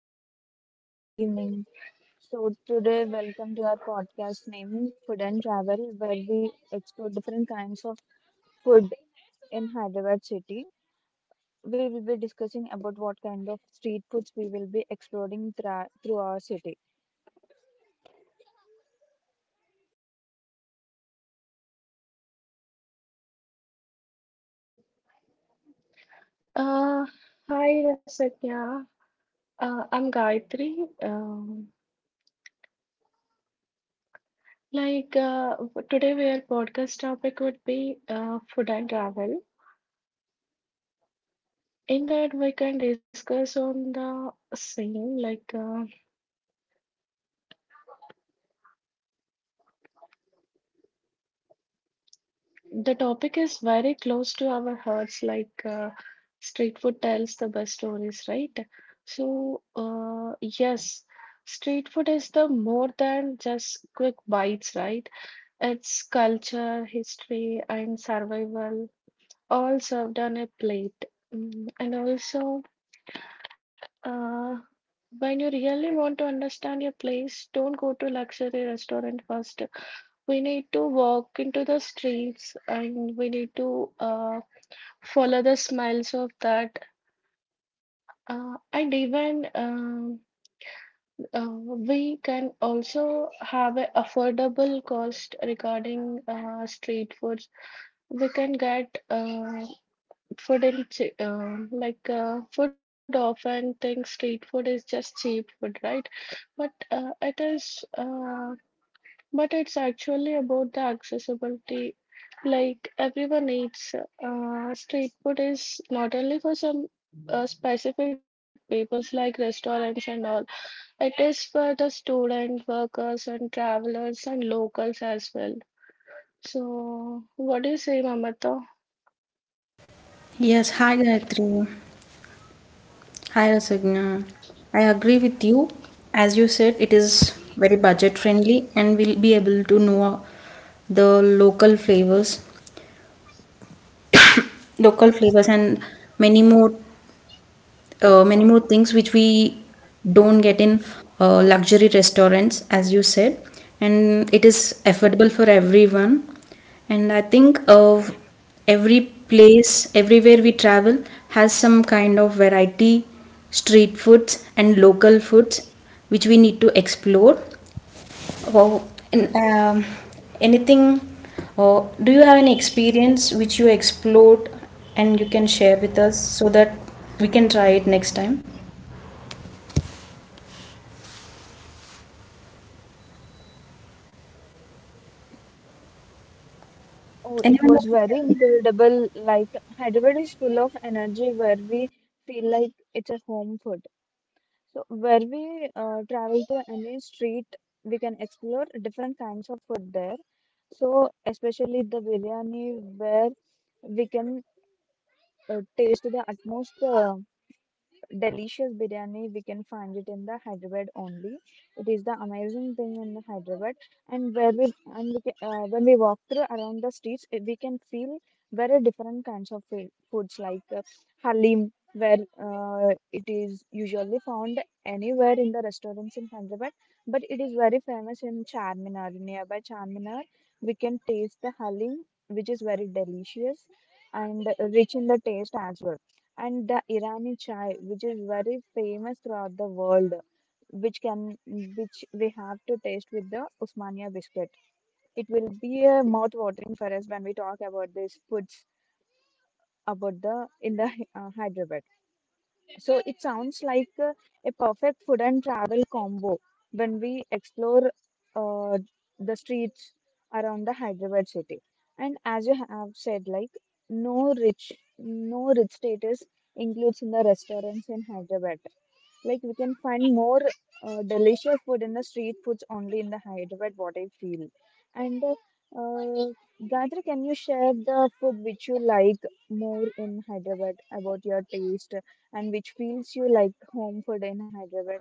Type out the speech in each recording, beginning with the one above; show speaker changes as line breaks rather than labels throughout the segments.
everyone, good evening. So today, welcome to our podcast named Food and Travel, where we explore different kinds of food in Hyderabad city. We will be discussing about what kind of street foods we will be exploring through our city.
Yes, hi Gayatri. Hi Rasagna. I agree with you. As you said, it is very budget friendly and we'll be able to know the local flavors and many more many more things which we don't get in luxury restaurants, as you said, and it is affordable for everyone. And I think of every place, everywhere we travel, has some kind of variety, street foods, and local foods which we need to explore. Oh, and, um, anything, or do you have any experience which you explored and you can share with us so that we can try it next time?
Oh, it
Anyone?
was very incredible. Like Hyderabad is full of energy, where we feel like it's a home food. So where we travel to any street, we can explore different kinds of food there. So especially the biryani, where we can taste the utmost. Delicious biryani we can find it in the hyderabad only. It is the amazing thing in the hyderabad. And where we and we ca- when we walk through around the streets we can feel very different kinds of foods like halim, where it is usually found anywhere in the restaurants in hyderabad, but it is very famous in charminar nearby charminar. We can taste the halim, which is very delicious and rich in the taste as well. And the Irani chai, which is very famous throughout the world, which we have to taste with the Usmania biscuit. It will be a mouth watering for us when we talk about these foods about the Hyderabad. So it sounds like a perfect food and travel combo when we explore uh, the streets around the Hyderabad city. And as you have said, like no rich, no rich status includes in the restaurants in Hyderabad. Like we can find more delicious food in the street foods only in the Hyderabad, what I feel. And uh, Gayatri, can you share the food which you like more in Hyderabad about your taste? And which feels you like home food in Hyderabad.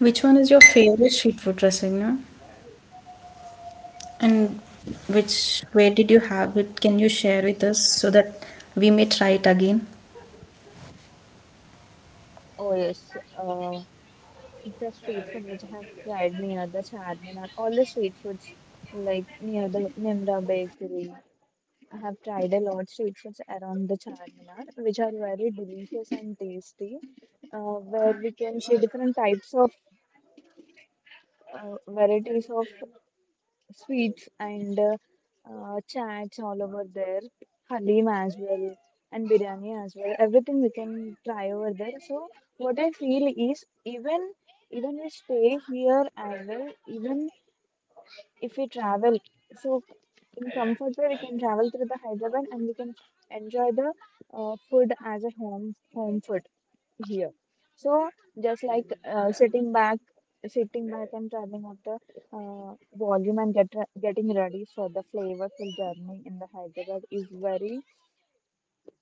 Which one is your favorite street food dressing, no? And which, where did you have it? Can you share with us so that we may try it again?
Oh yes, the street food which I have tried near the Charminar, all the street foods like near the Nimra Bakery. I have tried a lot street foods around the Charminar, which are very delicious and tasty, where we can see different types of varieties of sweets and chats all over there, halim as well, and biryani as well. Everything we can try over there. So what I feel is even we stay here as well, even if we travel, so in comfort way we can travel through the Hyderabad and we can enjoy the food as a home food here. So just like sitting back and turning up the volume and getting ready for the flavorful journey in the Hyderabad is very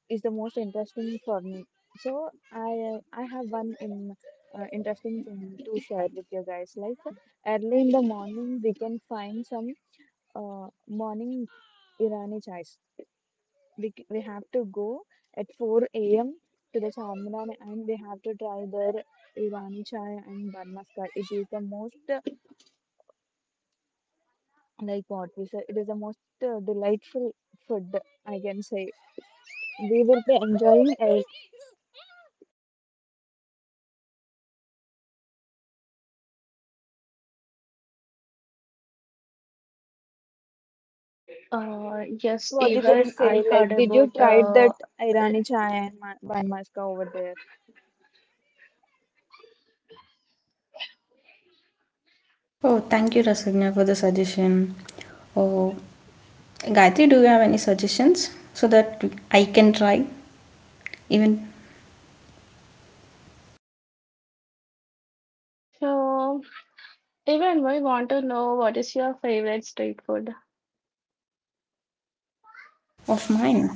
is the most interesting for me. So I have one in interesting thing to share with you guys. Like early in the morning, we can find some morning Irani chais. We have to go at 4 a.m. to the Charminar and we have to try their Irani chai and Barmaska. It is the most, like what we say, it is the most delightful food, I can say. We will be enjoying it. What do you guys say? Like, did you try that Irani chai and Barmaska over there?
Oh, thank you, Rasagna, for the suggestion. Oh, Gayatri, do you have any suggestions so that I can try even of mine?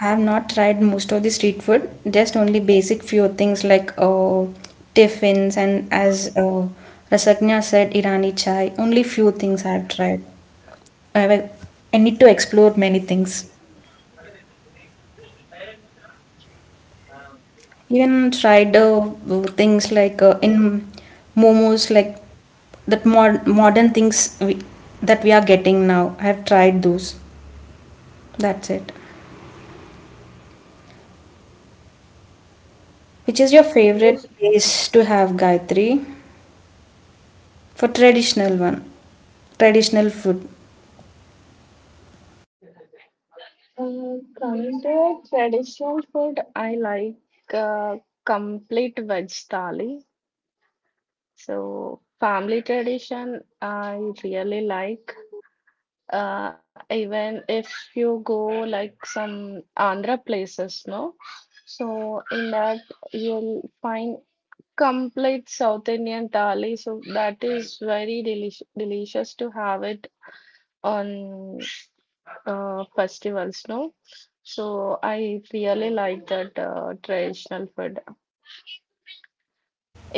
I have not tried most of the street food, just only basic few things like tiffins and as Rasagna said, Irani chai. Only few things I have tried. I, have, I need to explore many things. Even tried things like in momos, like that mod modern things that we are getting now. I have tried those. That's it. Which is your favorite
Yes.
place to have, Gayatri, for traditional one, traditional food?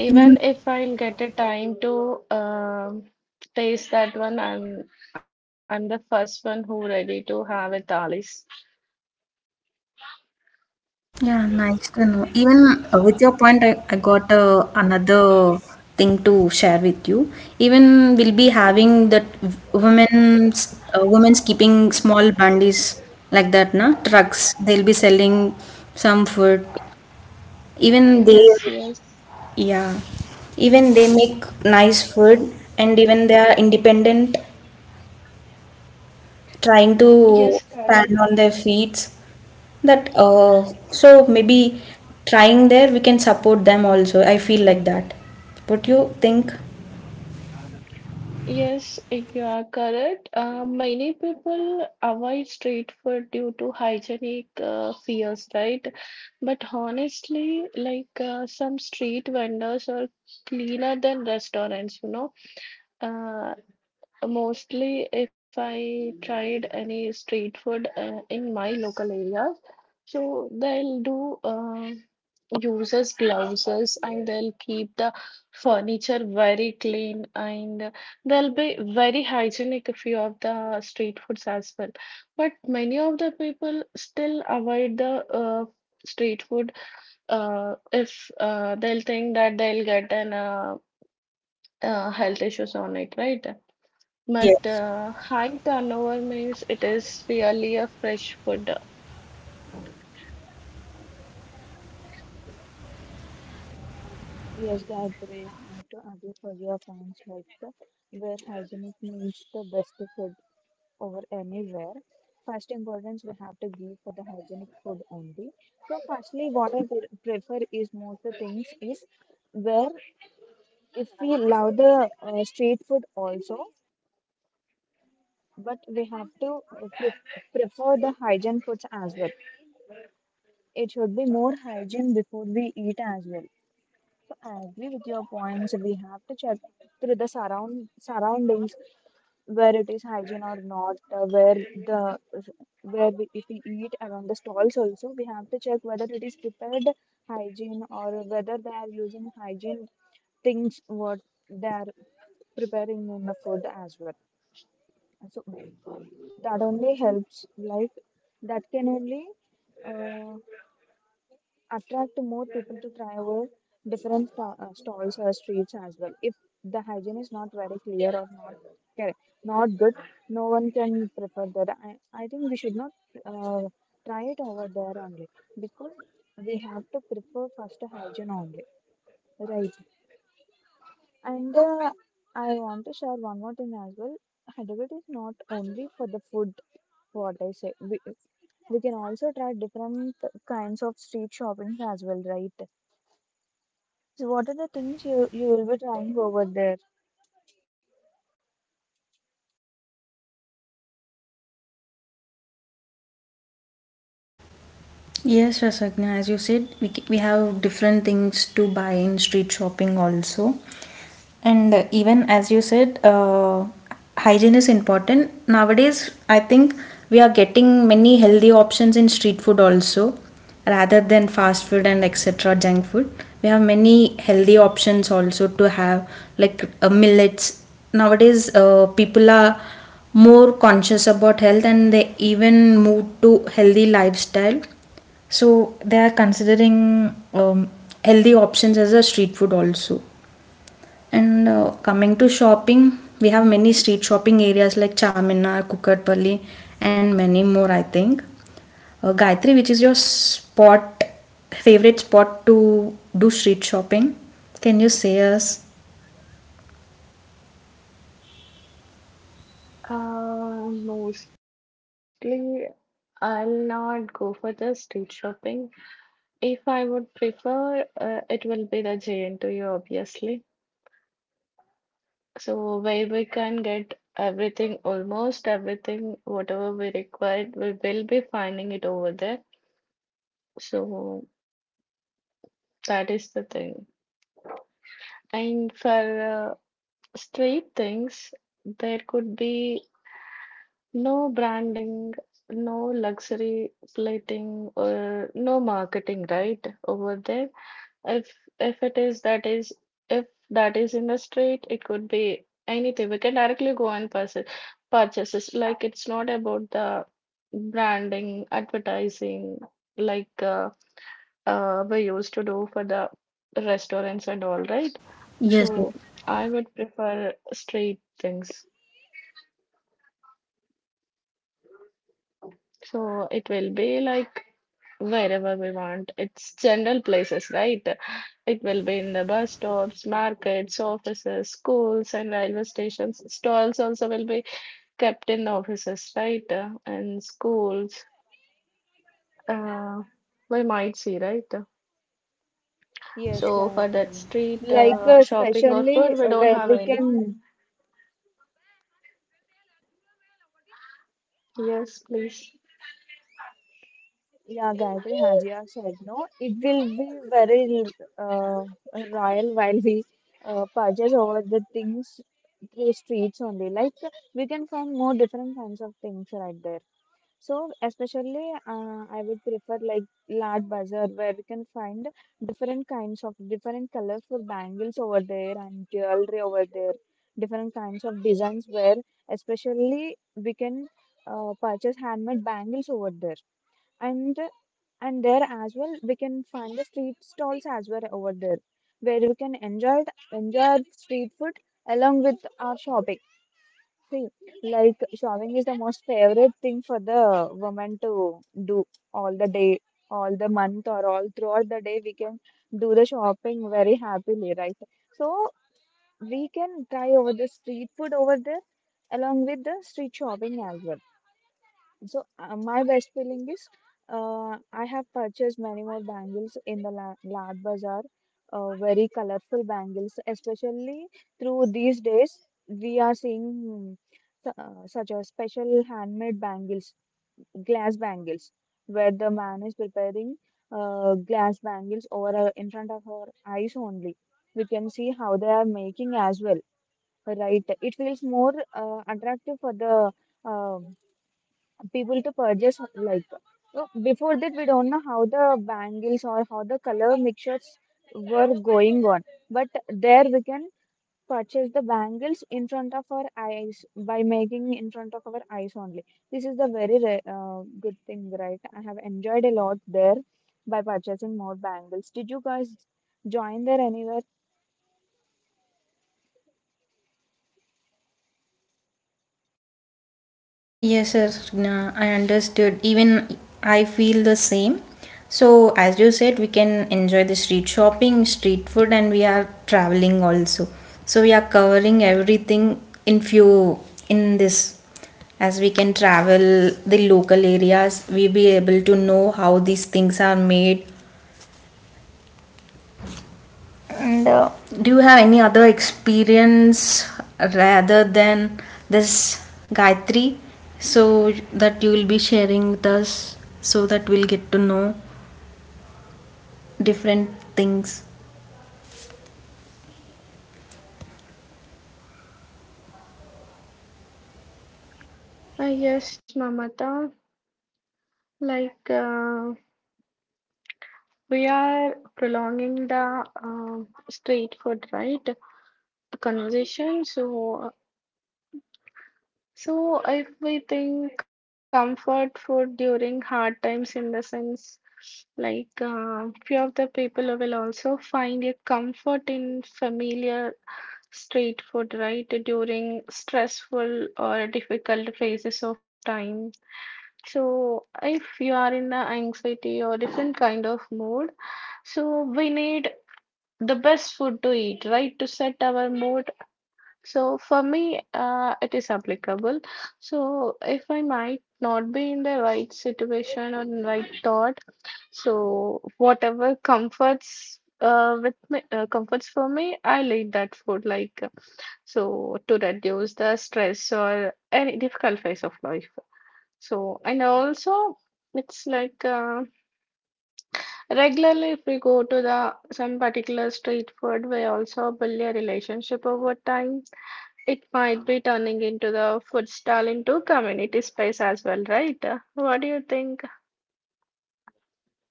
Mm, Yeah, nice to know. Even with your point, I got another thing to share with you. Even we'll be having that women's women's keeping small bundies like that, na, trucks. They'll be selling some food. Even they, yeah, even they make nice food, and even they are independent trying to stand on their feet that so maybe trying there we can support them also. I feel like that. What you think?
Yes, Gayatri, I have to argue for your points, like the where hygienic means the best food over anywhere. First importance we have to give for the hygienic food only. So firstly, what I prefer is most the things is where if we love the street food also, but we have to prefer the hygiene foods as well. It should be more hygiene before we eat as well. I agree with your points. We have to check with the surroundings where it is hygiene or not. Where the where we, if we eat around the stalls also, we have to check whether it is prepared hygiene, or whether they are using hygiene things what they are preparing in the food as well. So that only helps. Like that can only. Uh, Attract more people to try out different stalls or streets as well. If the hygiene is not very clear or ca- not good, no one can prefer that. I think we should not uh, try it over there only, because we have to prefer first hygiene only, right? And I want to share one more thing as well. Hyderabad is not only for the food, what I say. We can also try different kinds of street shopping as well, right? So what are the things you will be trying over there?
Yes, Rasagna, as you said, we have different things to buy in street shopping also. And even as you said, hygiene is important. Nowadays, I think we are getting many healthy options in street food also, rather than fast food and etc. junk food. We have many healthy options also to have, like millets. Nowadays, people are more conscious about health and they even move to healthy lifestyle, so they are considering healthy options as a street food also. And coming to shopping, we have many street shopping areas like Charminar, Kukatpally, and many more, I think. Gayatri, which is your spot, favorite spot to do street shopping? Can you say us? Yes,
Yes, Gayatri. Like especially uh, where we can, yeah, Gayatri Hajiya said no. It will be very uh, royal while we purchase over the things through streets only. Like we can find more different kinds of things right there. So especially, I would prefer like large bazaar where we can find different kinds of different colorful bangles over there and jewelry over there, different kinds of designs where especially we can purchase handmade bangles over there. And there as well we can find the street stalls as well over there, where we can enjoy street food along with our shopping thing. Like showering is the most favorite thing for the woman to do all the day, all the month, or all throughout the day. We can do the shopping very happily, right? So we can try over the street food over there along with the street shopping as well. So my best feeling is, I have purchased many more bangles in the Lad Bazaar, very colorful bangles, especially through these days we are seeing such a special handmade bangles, glass bangles, where the man is preparing glass bangles over in front of our eyes only. We can see how they are making as well, right? It feels more attractive for the uh, people to purchase. Like before that we don't know how the bangles or how the color mixtures were going on, but there we can purchase the bangles in front of our eyes by making in front of our eyes only. This is the very good thing, right? I have enjoyed a lot there by purchasing more bangles. Did you guys join there anywhere?
yes, sir. Nah, I understood. Even I feel the same. So, as you said, we can enjoy the street shopping, street food, and we are traveling also. So we are covering everything in few, in this. As we can travel the local areas, we be able to know how these things are made. And do you have any other experience rather than this, Gayatri? So that you will be sharing with us so that we'll get to know different things.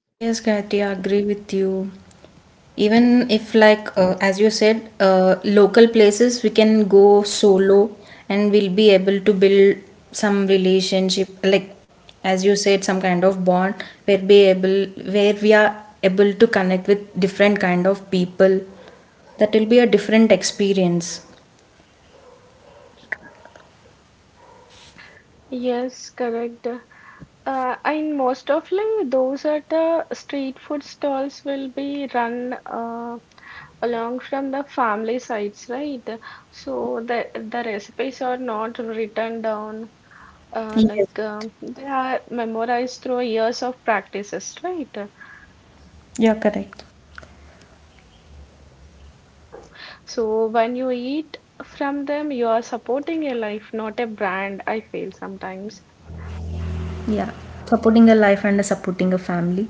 Yes, Gayatri, I agree with you. Even if, like, as you said, local places we can go solo and we'll be able to build some relationship, like, as you said, some kind of bond where be able where we are able to connect with different kind of people. That will be a different experience. Yes, Gayatri, you're correct. Yeah, supporting a life and supporting a family.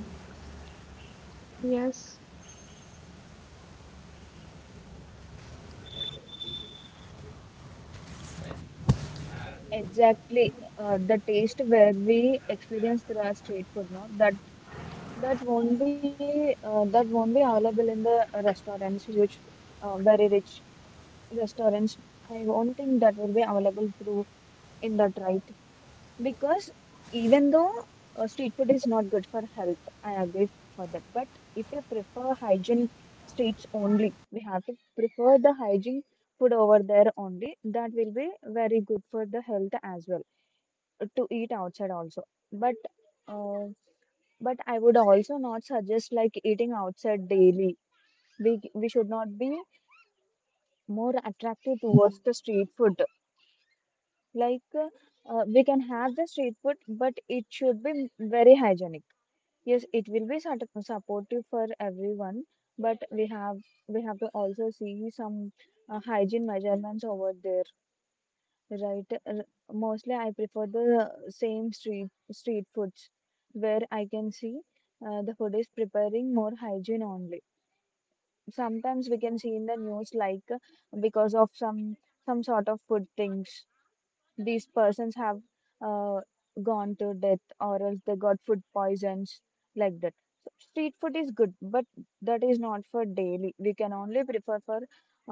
Exactly, the taste where we experience the raw street food, no? That won't be available in the restaurants, huge, very rich restaurants. I won't think that will be available through in that, right? Because even though street food is not good for health, I agree for that. But if you prefer hygiene streets only, we have to prefer the hygiene food over there only. That will be very good for the health as well, to eat outside also. But uh, but I would also not suggest like eating outside daily. We should not be more attractive towards the street food. Like uh, we can have the street food, but it should be very hygienic. Yes, it will be sort of supportive for everyone, but we have to also see some hygiene measurements over there, right? Mostly, I prefer the same street foods where I can see the food is preparing more hygiene only. Sometimes we can see in the news like because of some sort of food things, these persons have uh, gone to death or else they got food poisons, like that. So street food is good, but that is not for daily. We can only prefer for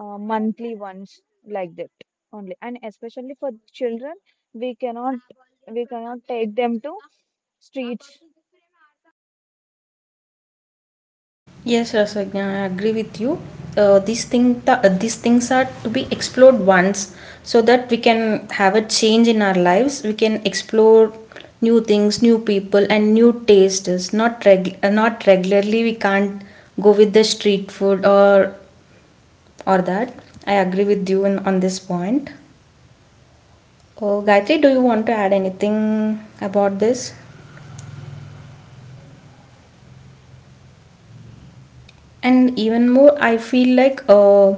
monthly ones, like that only. And especially for children, we cannot we cannot take them to streets.
Yes, Rasagna, I agree with you. These these things are to be explored once so that we can have a change in our lives. We can explore new things, new people, and new tastes. Not regularly. We can't go with the street food or that. I agree with you in, on this point. Oh, Gayatri, do you want to add anything about this? And even more, I feel like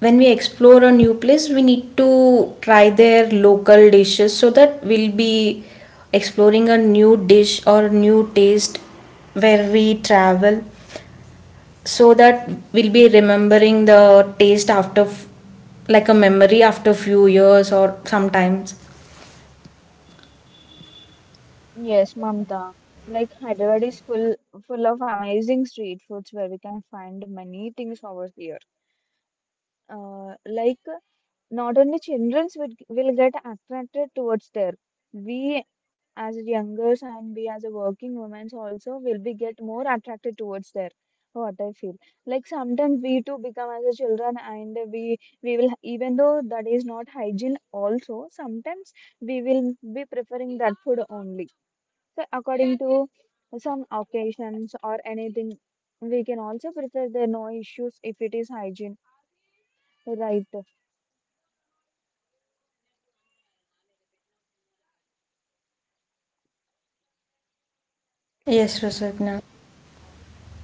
when we explore a new place we need to try their local dishes so that we'll be exploring a new dish or new taste where we travel so that we'll be remembering the taste after like a memory after few years or sometimes.
Yes, Mamta. Like Hyderabad is full of amazing street foods where we can find many things over here. Like not only children will get attracted towards there. We as youngers and we as a working women also will be get more attracted towards there. What I feel, like sometimes we too become as a children, and we will, even though that is not hygiene also sometimes, we will be preferring that food only. So according to some occasions or anything, we can also prefer the no issues if it is hygiene. Right.
Yes, Rasagna.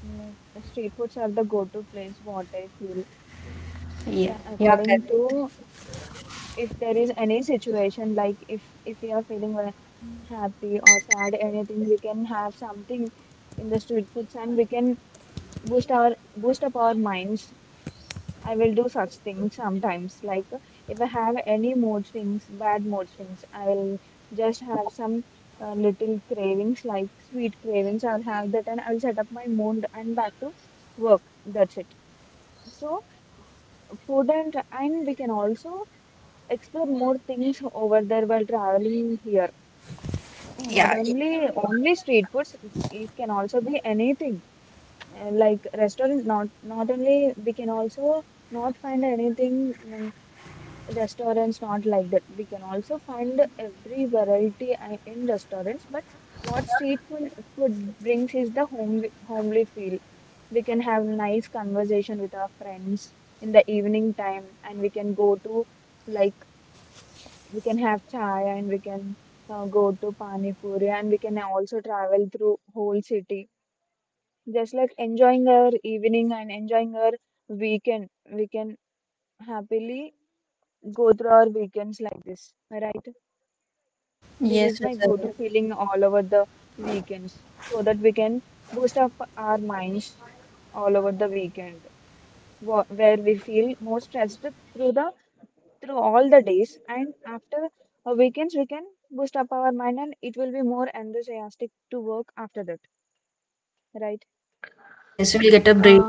Mm, street foods are the go-to place, what I feel.
Yeah, yeah, correct.
According to, if there is any situation, like if we are feeling happy or sad, anything, we can have something in the street foods, and we can boost up our minds. I will do such things sometimes. Like if I have any mood swings, bad mood swings, I will just have some little cravings, like sweet cravings. I'll have that, and I'll set up my mood and back to work. That's it. So food, and we can also explore more things over there while traveling here. Not only street foods, it can also be anything. Like restaurant, not only we can also not find anything restaurants, not like that. We can also find every variety in restaurants, but what street food brings is the homely feel. We can have nice conversation with our friends in the evening time, and we can go to, like, we can have chai and we can go to pani puri, and we can also travel through whole city, just like enjoying our evening and enjoying our weekend. We can happily go through our weekends like this, right? This is
Yes,
my
Rasagna.
go-to feeling all over the weekends, so that we can boost up our minds all over the weekend, where we feel more stressed through the through all the days, and after weekends we can boost up our mind, and it will be more enthusiastic to work after that, right?
Yes, we'll get a break.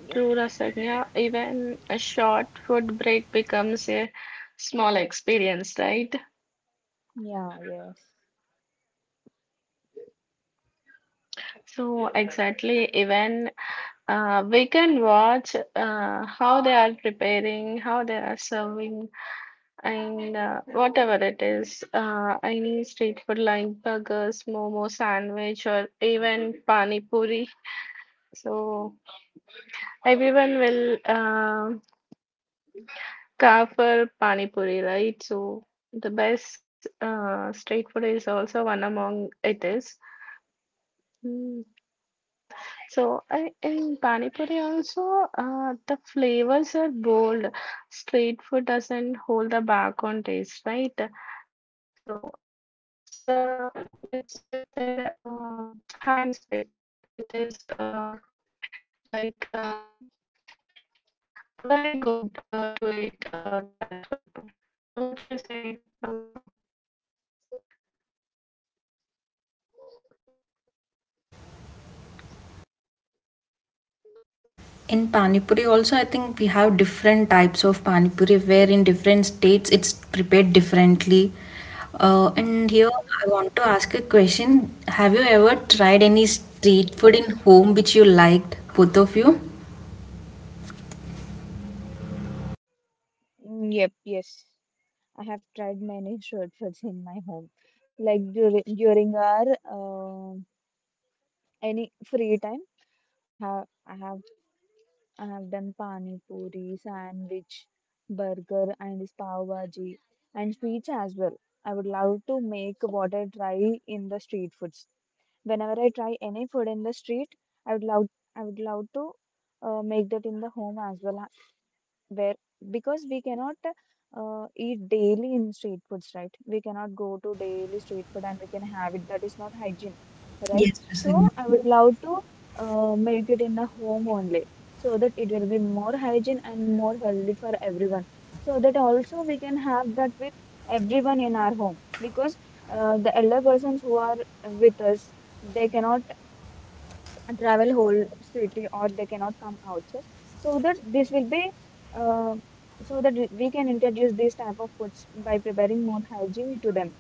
Yep. Yeah. Yes.
In Pani Puri also, I think we have different types of Pani Puri where in different states it's prepared differently. And here I want to ask a question. Have you ever tried any street food in home which you liked, both of you?
Yep, yes. I have tried many shortcuts in my home. Like during our any free time, I have I have I have done pani puri, sandwich, burger, and this pav bhaji, and sweets as well. I would love to make what I try in the street foods. Whenever I try any food in the street, I would love I would love to make that in the home as well, where, because we cannot eat daily in street foods, right? We cannot go to daily street food and we can have it. That is not hygiene, right?
Yes,
So
Rasagna.
I would love to make it in the home only, so that it will be more hygiene and more healthy for everyone, so that also we can have that with everyone in our home. Because the elder persons who are with us, they cannot and travel whole city, or they cannot come outside. So that this will be uh, so that we can introduce these type of foods by preparing more hygiene to them.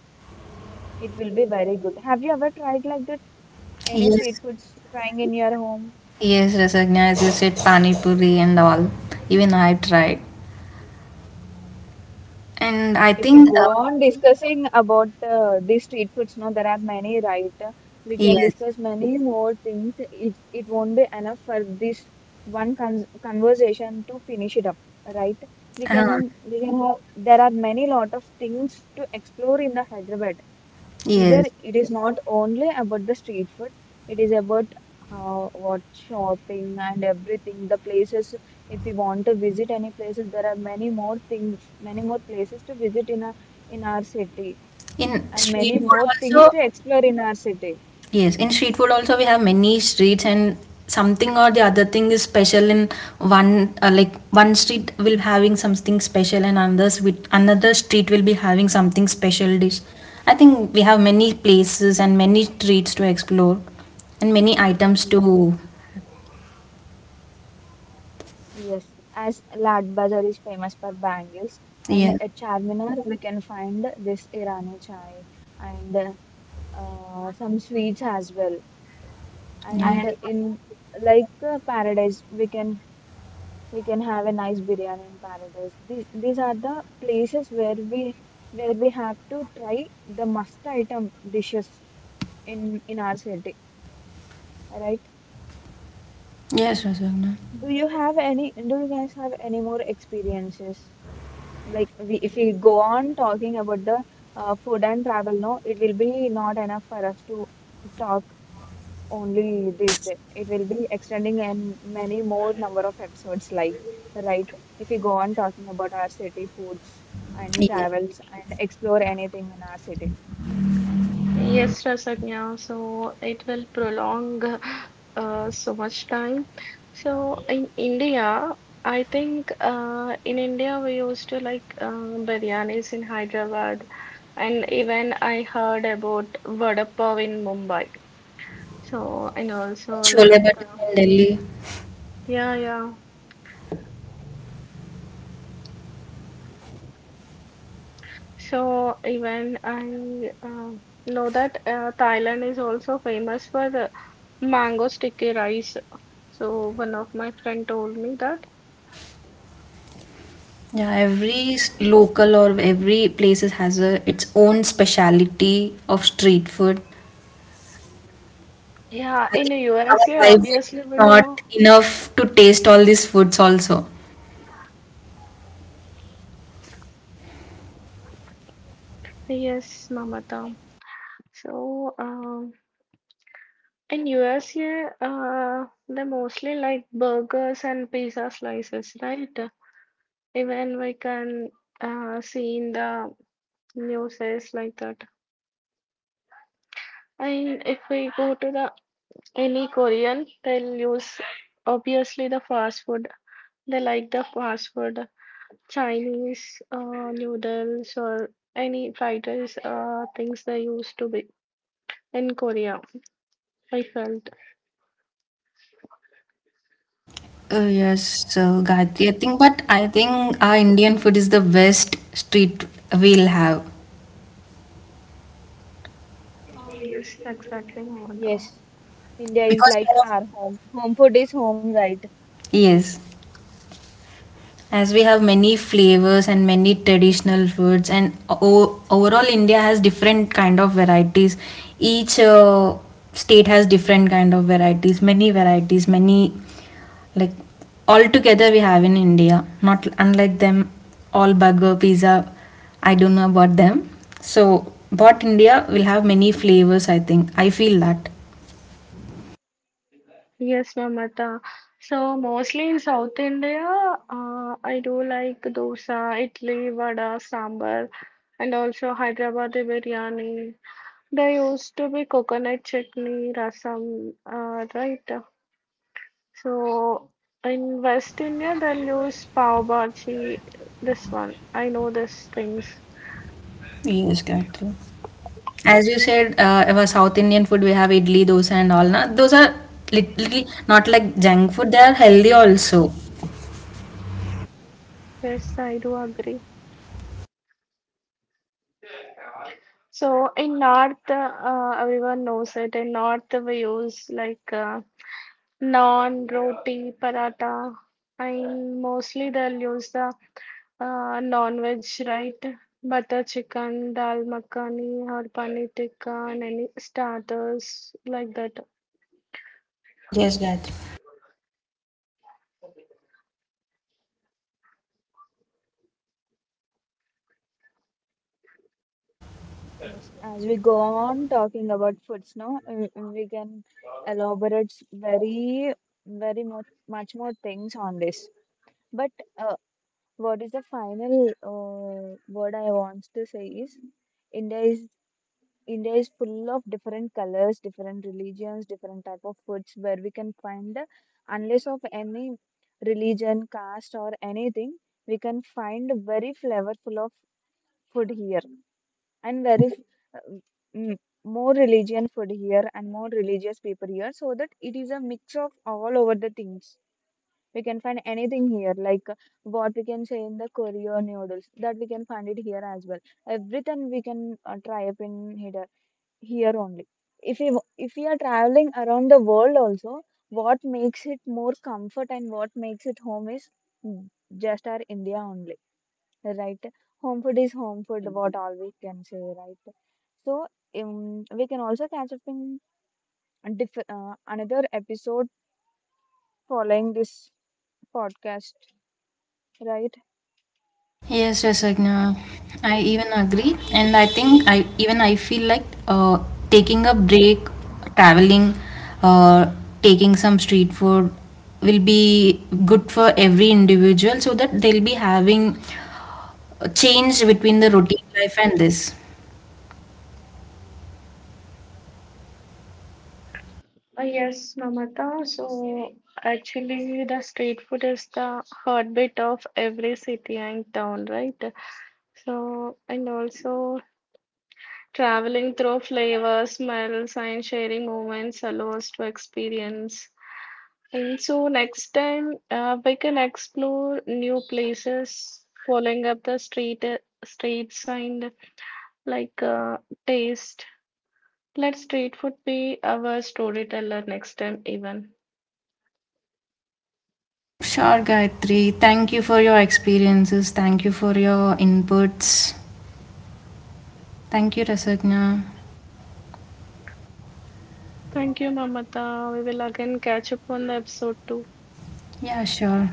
It will be very good. Have you ever tried like that, any
Yes,
street foods trying in your home?
yes, Rasagna, as you said, Pani Puri and all. Even I tried. And I
If we
think,
go on discussing about the street foods, now there are many, right? We can
yes,
discuss many more things. It won't be enough for this one con conversation to finish it up, right?
uh,
We can have There are many lot of things to explore in the Hyderabad. Either
yes.
it is not only about the street food, it is about how, what shopping and everything, the places. If we want to visit any places, there are many more things, many more places to visit in a in our city,
In
and
street
many
food
more things
also,
to explore in our city.
yes, in street food also we have many streets and something or the other thing is special in one like one street will having something special and others with another street will be having something special dish. I think we have many places and many streets to explore and many items
Yeah.
to.
Yes, as Lad Bazaar is famous for bangles, and
Yeah.
at Charminar we can find this Irani chai and some sweets as well.
Yeah.
And in, like, paradise, we can have a nice biryani in paradise. These are the places where we have to try the must item dishes in our city, right?
Yes, Rasagna.
Do you guys have any more experiences, like we, if we go on talking about the food and travel, no, it will be not enough for us to talk only this day. It will be extending and many more number of episodes, like, right, if we go on talking about our city foods and
Yeah.
travels and explore anything in our city.
Chole Bhature in Delhi. Yeah, every local or every places has a its own speciality of street food. I think our life will be not enough to taste all these foods also. Yes, Gayatri, I think, but I think our Indian food is the best street we'll have
Yes. India is
because we
like
have.
our home. Home food is home, right?
Yes. As we have many flavors and many traditional foods and overall India has different kind of varieties, each state has different kind of varieties, many varieties, many, like, all together we have in India, not unlike them, all burger, pizza. I don't know about them. So but India will have many flavors, I think, I feel that. Yes, Gayatri. As you said, our South Indian food, we have idli, dosa, and all. Na? Those are literally not like junk food, they are healthy also. Yes, Gayatri.
Yes. As we go on talking about foods now, we can elaborate very, very much, much more things on this. But uh, what is the final word I want to say is, India is India is full of different colors, different religions, different type of foods, where we can find, unless of any religion, caste or anything, we can find very flavorful of food here, and very uh, mm, more religion food here and more religious people here, so that it is a mix of all over the things. We can find anything here, like, what we can say in the Korean noodles, that we can find it here as well. Everything we can try up in here here only. If we are traveling around the world also, what makes it more comfort and what makes it home is just our India only, right? Home food is home food.
Yes, Rasagna. I even agree, and I think I even I feel like taking a break, traveling, uh, taking some street food will be good for every individual, so that they'll be having a change between the routine life and this. Sure, Gayatri. Thank you for your experiences. Thank you for your inputs. Thank you, Rasagna. Yeah, sure.